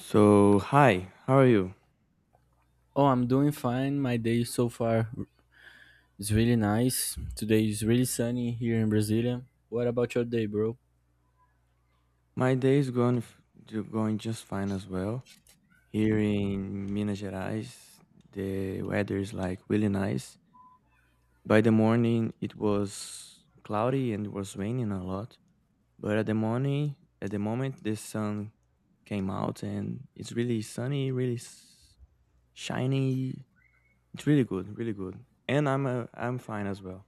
So, hi, how are you? Oh, I'm doing fine. My day so far is really nice. Today is really sunny here in Brasilia. What about your day, bro? My day is going going just fine as well. Here in Minas Gerais, the weather is like really nice. By the morning, it was cloudy and it was raining a lot. But at the morning, at the moment, the sun came out and it's really sunny, shiny. It's really good, really good. And I'm fine as well.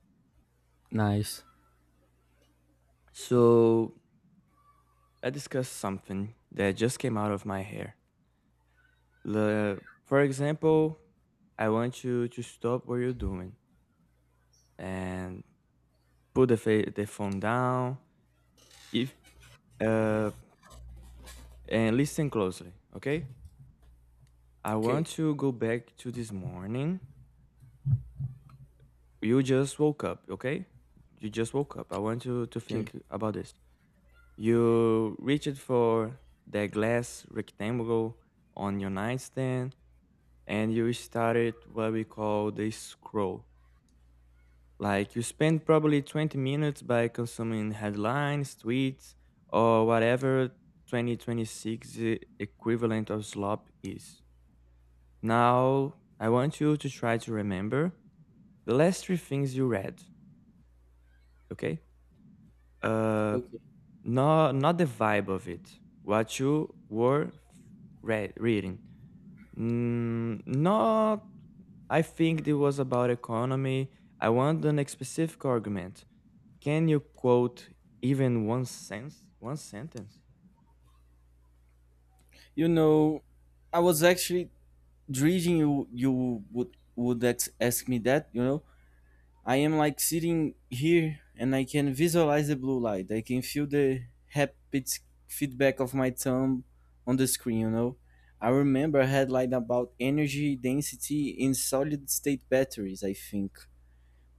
Nice. So, I discussed something that just came out of my hair. The, for example, I want you to stop what you're doing and put the phone down if uh, and listen closely, okay? I want Okay, to go back to this morning. You just woke up, okay? You just woke up. I want you to okay, think about this. You reached for the glass rectangle on your nightstand and you started what we call the scroll. Like you spend probably 20 minutes by consuming headlines, tweets, or whatever 2026 equivalent of slop is. Now, I want you to try to remember the last three things you read, okay? Uh, okay. no, not the vibe of it, what you were reading. Mm, not, I think it was about economy. I want an specific argument. Can you quote one sentence? You know, I was actually dreading you would ask me that. You know, I am like sitting here and I can visualize the blue light. I can feel the rapid feedback of my thumb on the screen, you know. I remember a headline about energy density in solid state batteries, I think.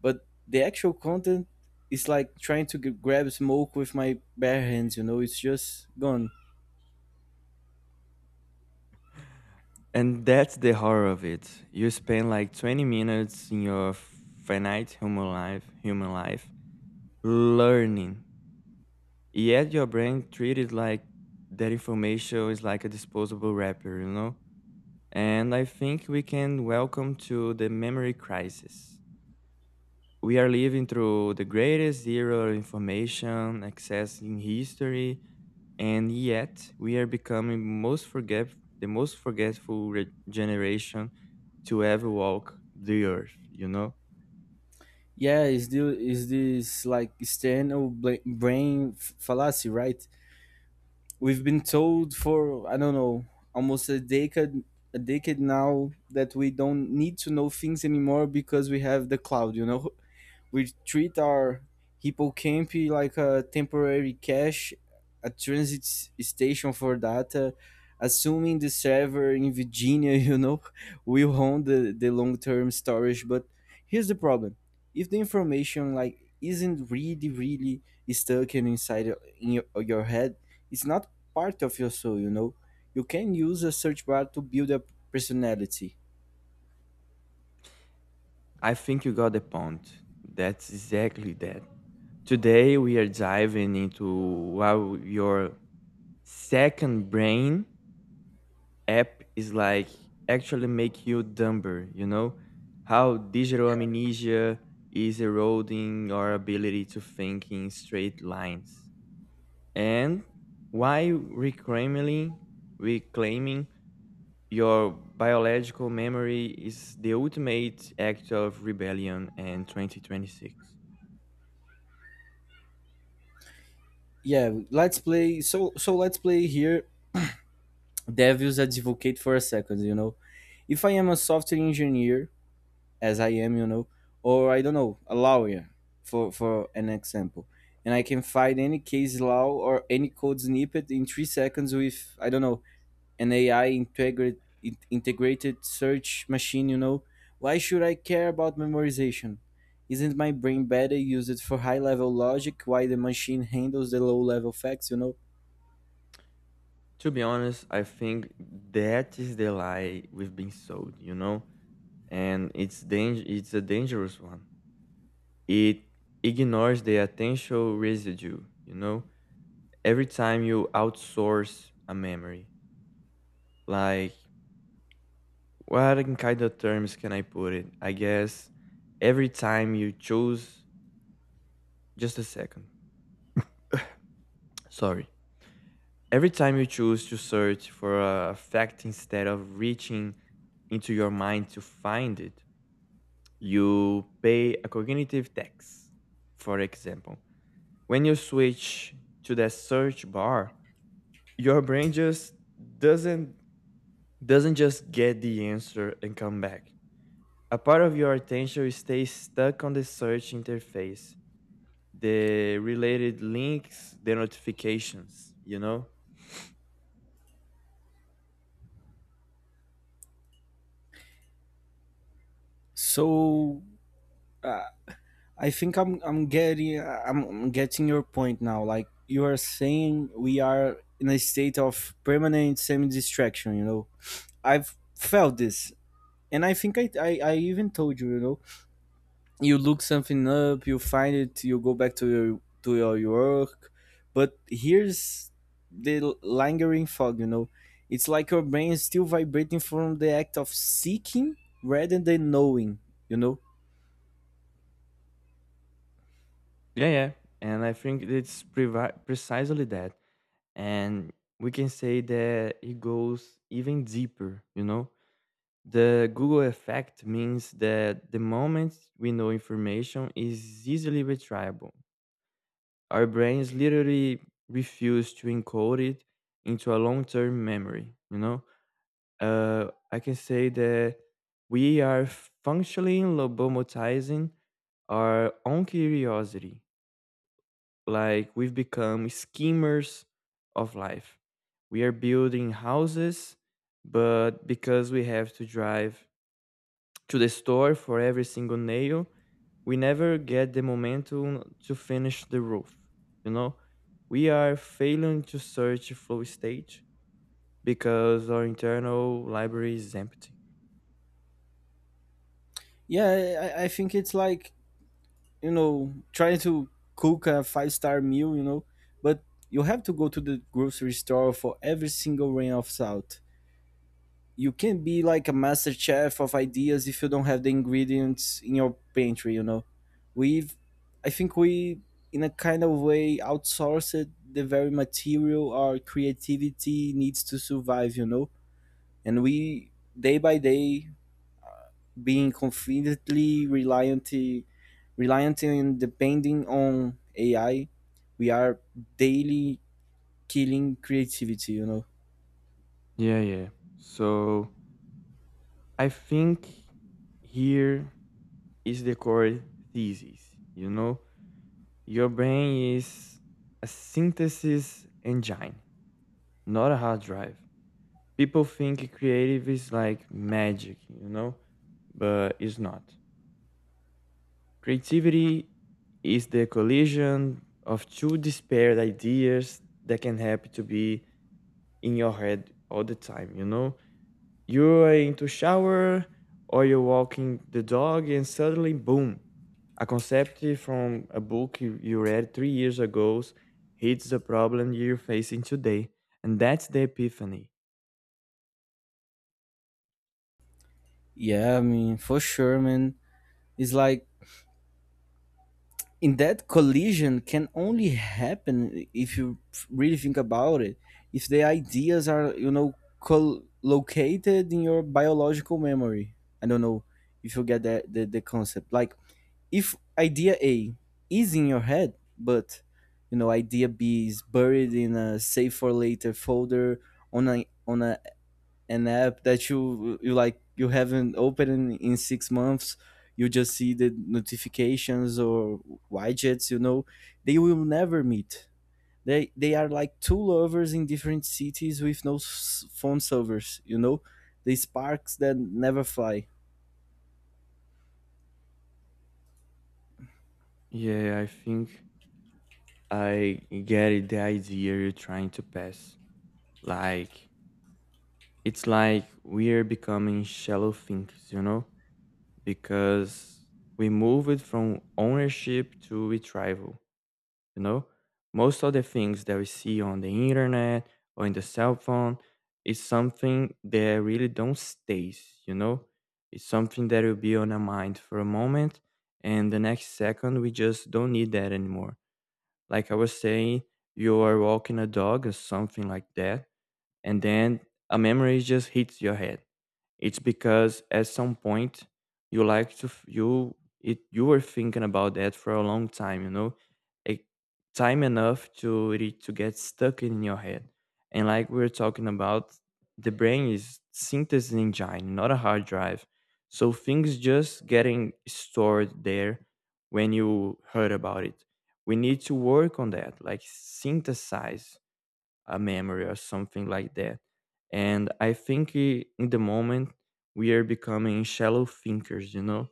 But the actual content is like trying to grab smoke with my bare hands, you know. It's just gone. And that's the horror of it. You spend like 20 minutes in your finite human life learning. Yet your brain treated like that information is like a disposable wrapper, you know? And I think we can welcome to the memory crisis. We are living through the greatest era of information, accessing history, and yet we are becoming most forget the most forgetful generation to ever walk the earth, you know. Yeah, is this like external brain fallacy, right? We've been told for I don't know almost a decade now that we don't need to know things anymore because we have the cloud. You know. We treat our hippocampi like a temporary cache, a transit station for data, assuming the server in Virginia, you know, will hold the long-term storage. But here's the problem. If the information like isn't really, really stuck in inside in your head, it's not part of your soul, you know. You can use a search bar to build a personality. I think you got the point. That's exactly that. Today we are diving into how your second brain app is like actually make you dumber, you know, how digital amnesia is eroding our ability to think in straight lines, and why reclaiming your biological memory is the ultimate act of rebellion in 2026. Yeah, let's play. So let's play here devil's advocate for a second, you know. If I am a software engineer, as I am, you know, or I don't know, a lawyer, for an example, and I can find any case law or any code snippet in 3 seconds with, I don't know, an AI integrated search machine, you know, why should I care about memorization? Isn't my brain better used for high level logic while the machine handles the low level facts, you know? To be honest, I think that is the lie we've been sold, you know, and it's a dangerous one. It ignores the attentional residue, you know. Every time you outsource a memory, like, what in kind of terms can I put it? I guess every time you choose, just a second, sorry. Every time you choose to search for a fact instead of reaching into your mind to find it, you pay a cognitive tax. For example, when you switch to the search bar, your brain just doesn't doesn't just get the answer and come back. A part of your attention stays stuck on the search interface, the related links, the notifications, you know? So, uh, I think I'm getting your point now. Like you are saying, we are in a state of permanent semi distraction. You know, I've felt this, and I think I even told you. You know, you look something up, you find it, you go back to your work, but here's the lingering fog. You know, it's like your brain is still vibrating from the act of seeking rather than knowing. You know. Yeah, yeah. And I think it's precisely that. And we can say that it goes even deeper, you know? The Google effect means that the moment we know information is easily retriable, our brains literally refuse to encode it into a long term memory, you know? I can say that we are functionally lobotomizing our own curiosity. Like we've become schemers of life. We are building houses, but because we have to drive to the store for every single nail, we never get the momentum to finish the roof. You know, we are failing to search flow state because our internal library is empty. Yeah, I think it's like, you know, trying to cook a five-star meal, you know, but you have to go to the grocery store for every single grain of salt. You can be like a master chef of ideas if you don't have the ingredients in your pantry, you know. We've, I think we, in a kind of way, outsourced the very material our creativity needs to survive, you know. And we, day by day, being confidently reliant and depending on AI, we are daily killing creativity, you know? Yeah, yeah. So I think here is the core thesis. You know, your brain is a synthesis engine, not a hard drive. People think creative is like magic, you know, but it's not. Creativity is the collision of two disparate ideas that can happen to be in your head all the time, you know? You're into shower or you're walking the dog and suddenly boom, a concept from a book you read 3 years ago hits the problem you're facing today. And that's the epiphany. Yeah, I mean, for sure, man. It's like, in that collision can only happen if you really think about it. If the ideas are, you know, located in your biological memory. I don't know if you get the concept. Like if idea A is in your head, but you know idea B is buried in a save for later folder on an app that you like you haven't opened in 6 months, you just see the notifications or widgets. You know, they will never meet. They are like two lovers in different cities with no phone servers. You know, they sparks that never fly. Yeah, I think I get it, the idea you're trying to pass. Like, it's like we're becoming shallow thinkers, you know? Because we move it from ownership to retrieval. You know, most of the things that we see on the internet or in the cell phone is something that really don't stays, you know. It's something that will be on our mind for a moment, and the next second we just don't need that anymore. Like I was saying, you are walking a dog or something like that, and then a memory just hits your head. It's because at some point you like to f- you it you were thinking about that for a long time, you know, a time enough to it to get stuck in your head. And like we were talking about, the brain is synthesis engine, not a hard drive. So things just getting stored there when you heard about it. We need to work on that, like synthesize a memory or something like that. And I think in the moment we are becoming shallow thinkers, you know,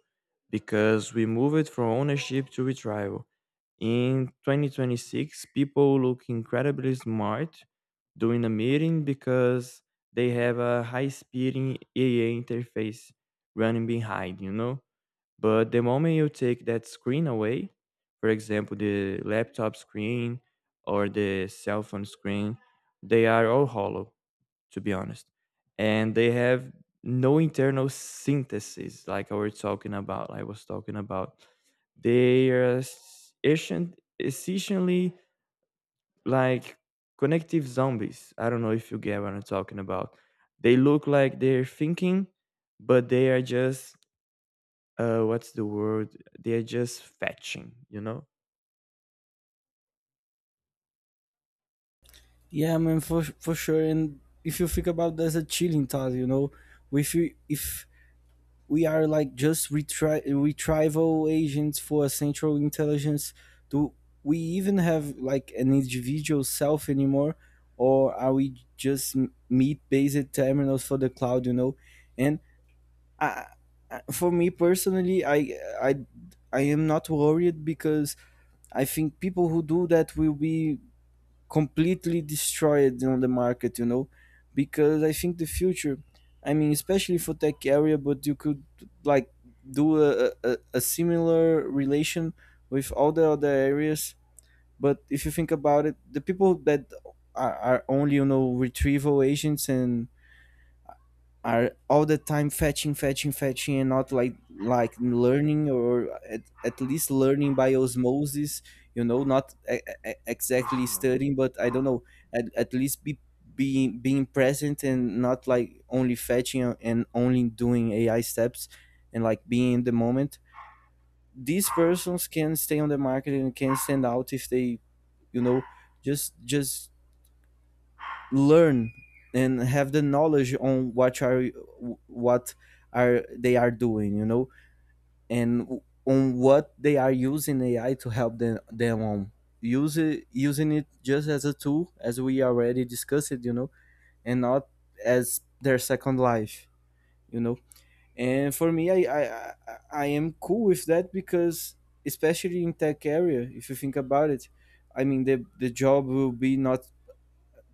because we move it from ownership to retrieval. In 2026, people look incredibly smart during a meeting because they have a high speed AI interface running behind, you know? But the moment you take that screen away, for example, the laptop screen or the cell phone screen, they are all hollow, to be honest. And they have no internal synthesis, like I was talking about. They are essentially like connective zombies. I don't know if you get what I'm talking about. They look like they're thinking, but they are just what's the word, they're just fetching, you know. Yeah, man, for sure. And if you think about that, a chilling thought, you know, if we are like just retrieval agents for a central intelligence, do we even have like an individual self anymore, or are we just meat based terminals for the cloud? You know, and I, for me personally, I am not worried because I think people who do that will be completely destroyed on the market, you know, because I think the future, I mean, especially for tech area, but you could like do a similar relation with all the other areas. But if you think about it, the people that are only, you know, retrieval agents and are all the time fetching, fetching, fetching, and not like learning or at least learning by osmosis. You know, not exactly Personal. studying, but I don't know. At least be being being present and not like only fetching and only doing AI steps and like being in the moment. These persons can stay on the market and can stand out if they, you know, just learn and have the knowledge on what are they are doing, you know, and on what they are using AI to help them on use it, using it just as a tool, as we already discussed, you know, and not as their second life, you know. And for me, I I am cool with that because, especially in tech area, if you think about it, I mean, the job will be not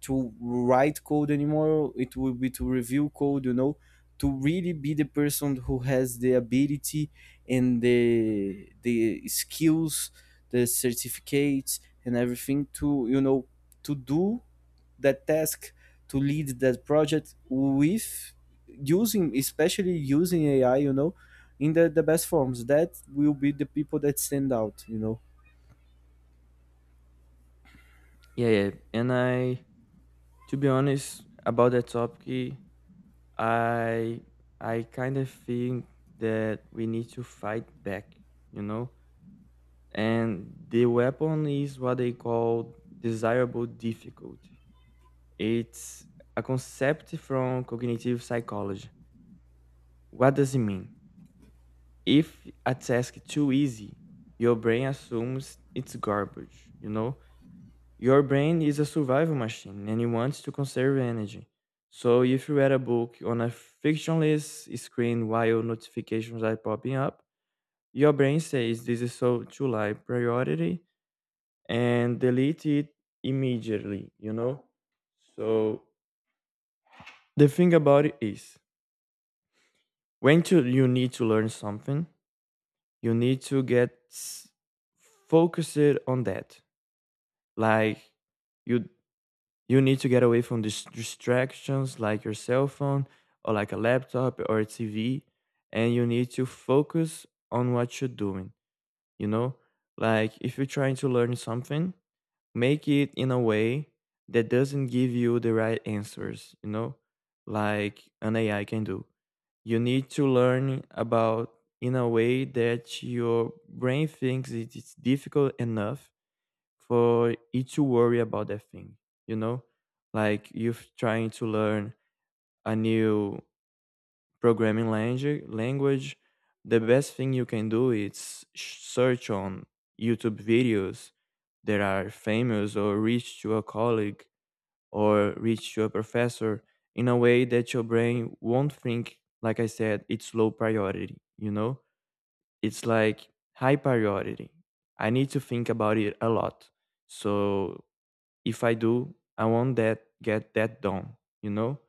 to write code anymore. It will be to review code, you know, to really be the person who has the ability and the skills, the certificates and everything to, you know, to do that task, to lead that project with using, especially using AI, you know. In the best forms, that will be the people that stand out, you know. Yeah, yeah, and I, to be honest about that topic, I kind of think that we need to fight back, you know. And the weapon is what they call desirable difficulty. It's a concept from cognitive psychology. What does it mean? If a task is too easy, your brain assumes it's garbage, you know. Your brain is a survival machine and it wants to conserve energy. So if you read a book on a frictionless screen while notifications are popping up, your brain says this is so too high priority and delete it immediately, you know? So the thing about it is you need to learn something, you need to get focused on that. Like you you need to get away from distractions like your cell phone or like a laptop or a TV, and you need to focus on what you're doing. You know, like if you're trying to learn something, make it in a way that doesn't give you the right answers, you know, like an AI can do. You need to learn about in a way that your brain thinks it is difficult enough for you to worry about that thing, you know? Like you're trying to learn a new programming language, the best thing you can do is search on YouTube videos that are famous or reach to a colleague or reach to a professor in a way that your brain won't think, like I said, it's low priority, you know? It's like high priority. I need to think about it a lot. So if I do, I want that get that done, you know?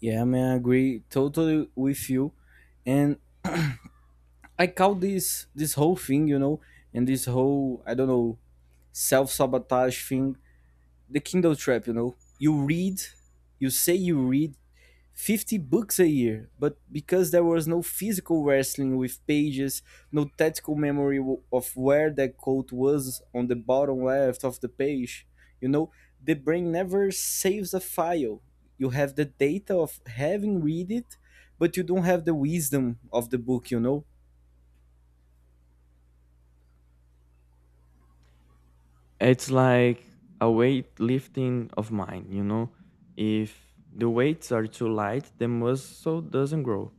Yeah, man, I agree totally with you. And I call this this whole thing, you know, and this whole, I don't know, self sabotage thing, the Kindle trap, you know. You read, you say you read 50 books a year, but because there was no physical wrestling with pages, no tactical memory of where that quote was on the bottom left of the page, you know, the brain never saves a file. You have the data of having read it, but you don't have the wisdom of the book, you know. It's like a weightlifting of mine, you know? If the weights are too light, the muscle doesn't grow.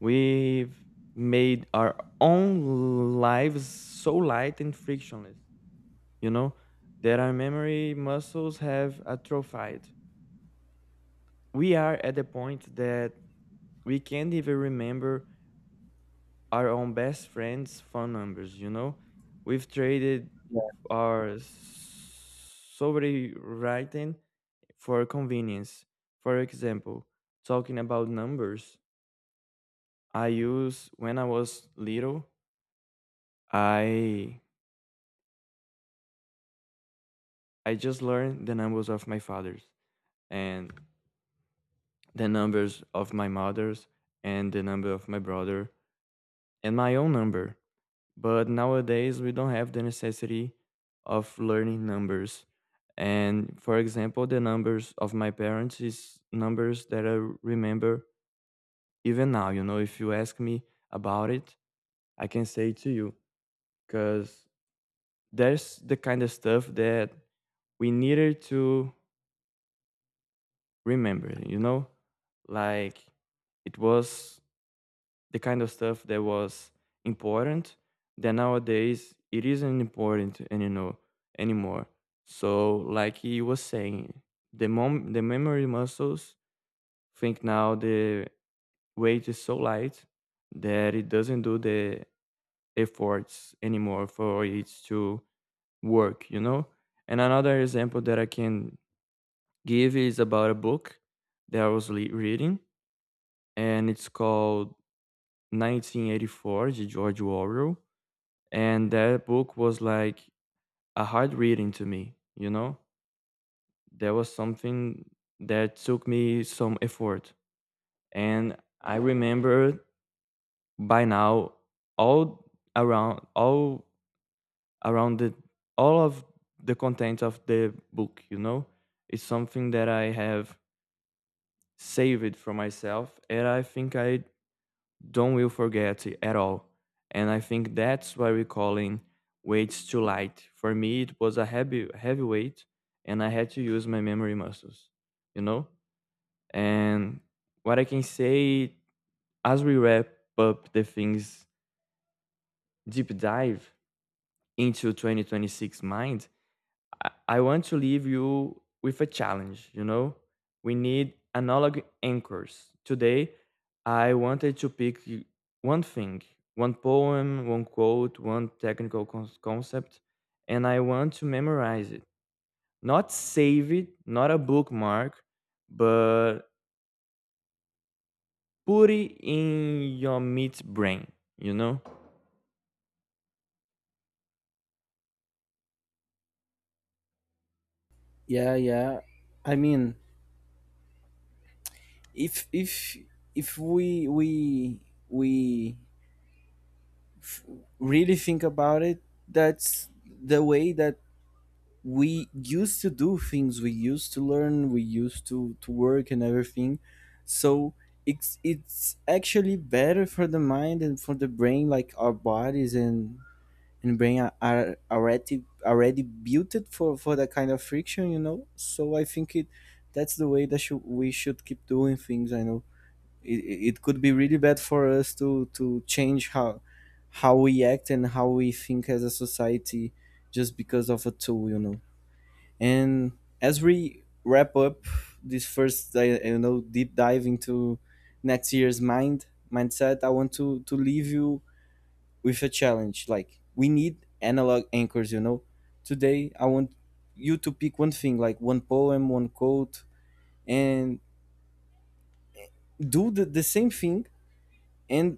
We've made our own lives so light and frictionless, you know, that our memory muscles have atrophied. We are at the point that we can't even remember our own best friends' phone numbers. You know, we've traded our writing for convenience. For example, talking about numbers, I use when I was little, I I just learned the numbers of my father's and the numbers of my mother's and the number of my brother and my own number. But nowadays, we don't have the necessity of learning numbers. And for example, the numbers of my parents is numbers that I remember even now. You know, if you ask me about it, I can say to you because there's the kind of stuff that we needed to remember, you know? Like it was the kind of stuff that was important that nowadays it isn't important and you know anymore. So like he was saying, the memory muscles think now the weight is so light that it doesn't do the efforts anymore for it to work, you know. And another example that I can give is about a book that I was reading, and it's called 1984, the George Orwell. And that book was like a hard reading to me, you know. There was something that took me some effort, and I remember by now all around all of the content of the book, you know. It's something that I have saved for myself and I think I don't will forget it at all. And I think that's why we call it weights too light. For me, it was a heavy weight, and I had to use my memory muscles, you know. And what I can say as we wrap up the things deep dive into 2026 mind I want to leave you with a challenge, you know? We need analog anchors. Today, I wanted to one thing, one poem, one quote, one technical concept, and I want to memorize it. Not save it, not a bookmark, but put it in your meat brain, you know? Yeah, yeah. I mean, if if we we we f- really think about it, that's the way that we used to do things. We used to learn. We used to work and everything. So it's actually better for the mind and for the brain. Like our bodies and brain are already already built it for that kind of friction, you know. So I think it, that's the way that should, we should keep doing things. I know it, it it could be really bad for us to change how we act and how we think as a society just because of a tool, you know. And as we wrap up this first, I, you know, deep dive into next year's mind mindset, I want to leave you with a challenge. Like we need analog anchors, you know. Today I want you to pick one thing, like one poem, one quote, and do the same thing. And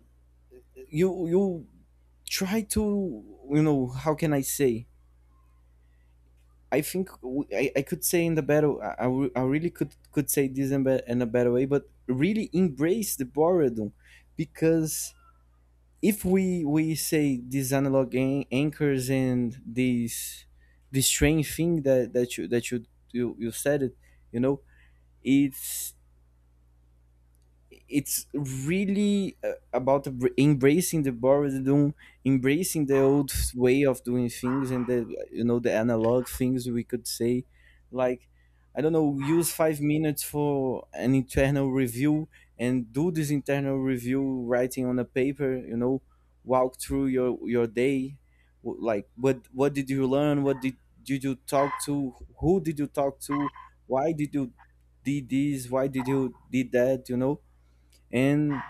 you try to, you know, how can I say, I think I could say in the battle, I really could say this in, in a better way. But really embrace the boredom, because if we say these analog anchors and these, this strange thing that you, you said it, you know, it's it's really about embracing the boredom, embracing the old way of doing things, and the, you know, the analog things we could say. Like I don't know, use 5 minutes for an internal review and do this internal review writing on a paper. You know, walk through your day. Like what did you learn? What did you talk to? Who did you talk to? Why did you did this? Why did you did that? You know, and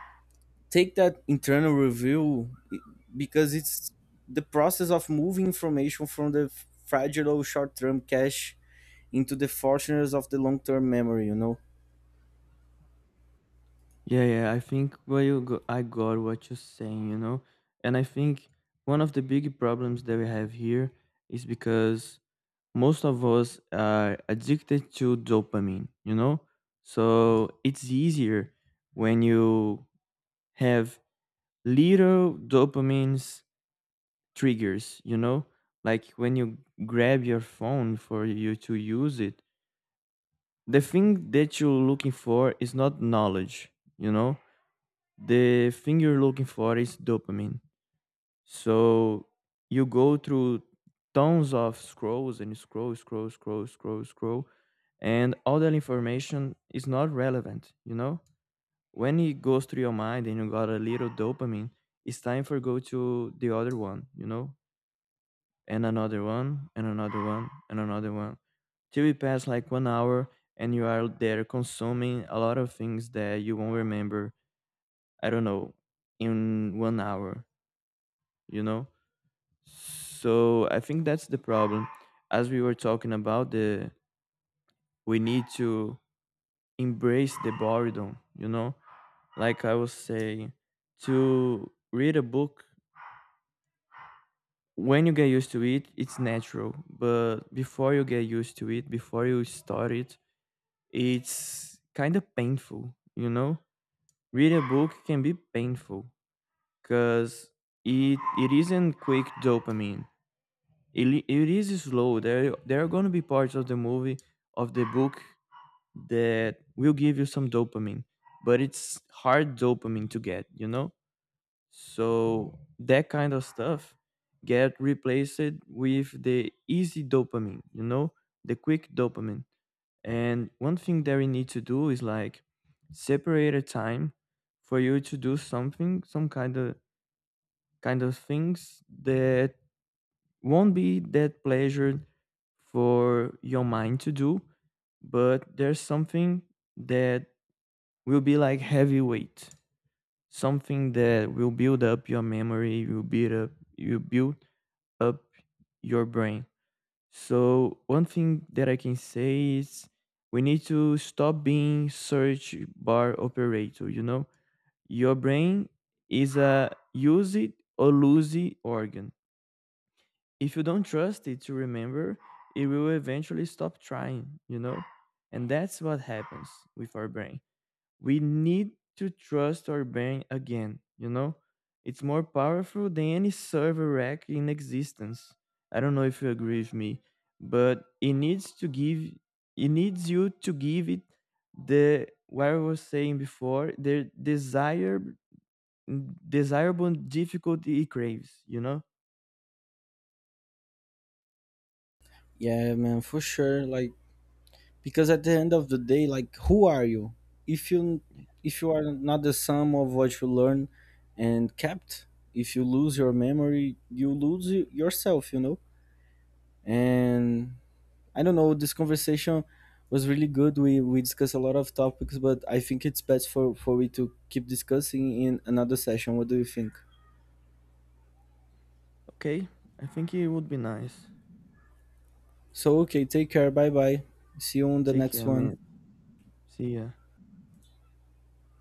take that internal review because it's the process of moving information from the fragile short-term cache into the fortunes of the long-term memory, you know. Yeah, yeah, I think where you go, I got what you're saying, you know, and I think one of the big problems that we have here is because most of us are addicted to dopamine, you know, so it's easier when you have little dopamines triggers, you know, like when you grab your phone for you to use it. The thing that you're looking for is not knowledge. You know, the thing you're looking for is dopamine. So you go through tons of scrolls and scroll, scroll, scroll, scroll, scroll, and all that information is not relevant, you know? When it goes through your mind and you got a little dopamine, it's time for go to the other one, you know? And another one, and another one, and another one. Till it pass like 1 hour and you are there consuming a lot of things that you won't remember, I don't know, in 1 hour, you know. So I think that's the problem. As we were talking about, the we need to embrace the boredom, you know. Like I was saying, to read a book, when you get used to it it's natural, but before you get used to it, before you start it, it's kind of painful, you know. Read a book can be painful, because it isn't quick dopamine. It is slow. There are going to be parts of the movie, of the book, that will give you some dopamine, but it's hard dopamine to get, you know? So that kind of stuff get replaced with the easy dopamine, you know, the quick dopamine. And one thing that we need to do is like separate a time for you to do something, some kind of things that won't be that pleasure for your mind to do, but there's something that will be like heavy weight, something that will build up your memory, will build up, you build up your brain. So one thing that I can say is we need to stop being search bar operator. You know, your brain is a use it or lose it organ. If you don't trust it to remember, it will eventually stop trying, you know? And that's what happens with our brain. We need to trust our brain again, you know? It's more powerful than any server rack in existence. I don't know if you agree with me, but it needs you to give it the what I was saying before, the desire desirable difficulty it craves, you know? Yeah, man, for sure. Like, because at the end of the day, like, who are you if you, if you are not the sum of what you learn and kept? If you lose your memory, you lose yourself, you know. And I don't know. This conversation was really good. We discussed a lot of topics, but I think it's best for we to keep discussing in another session. What do you think? Okay, I think it would be nice. So okay, take care. Bye bye. See you on the Take next care, one. man. See ya.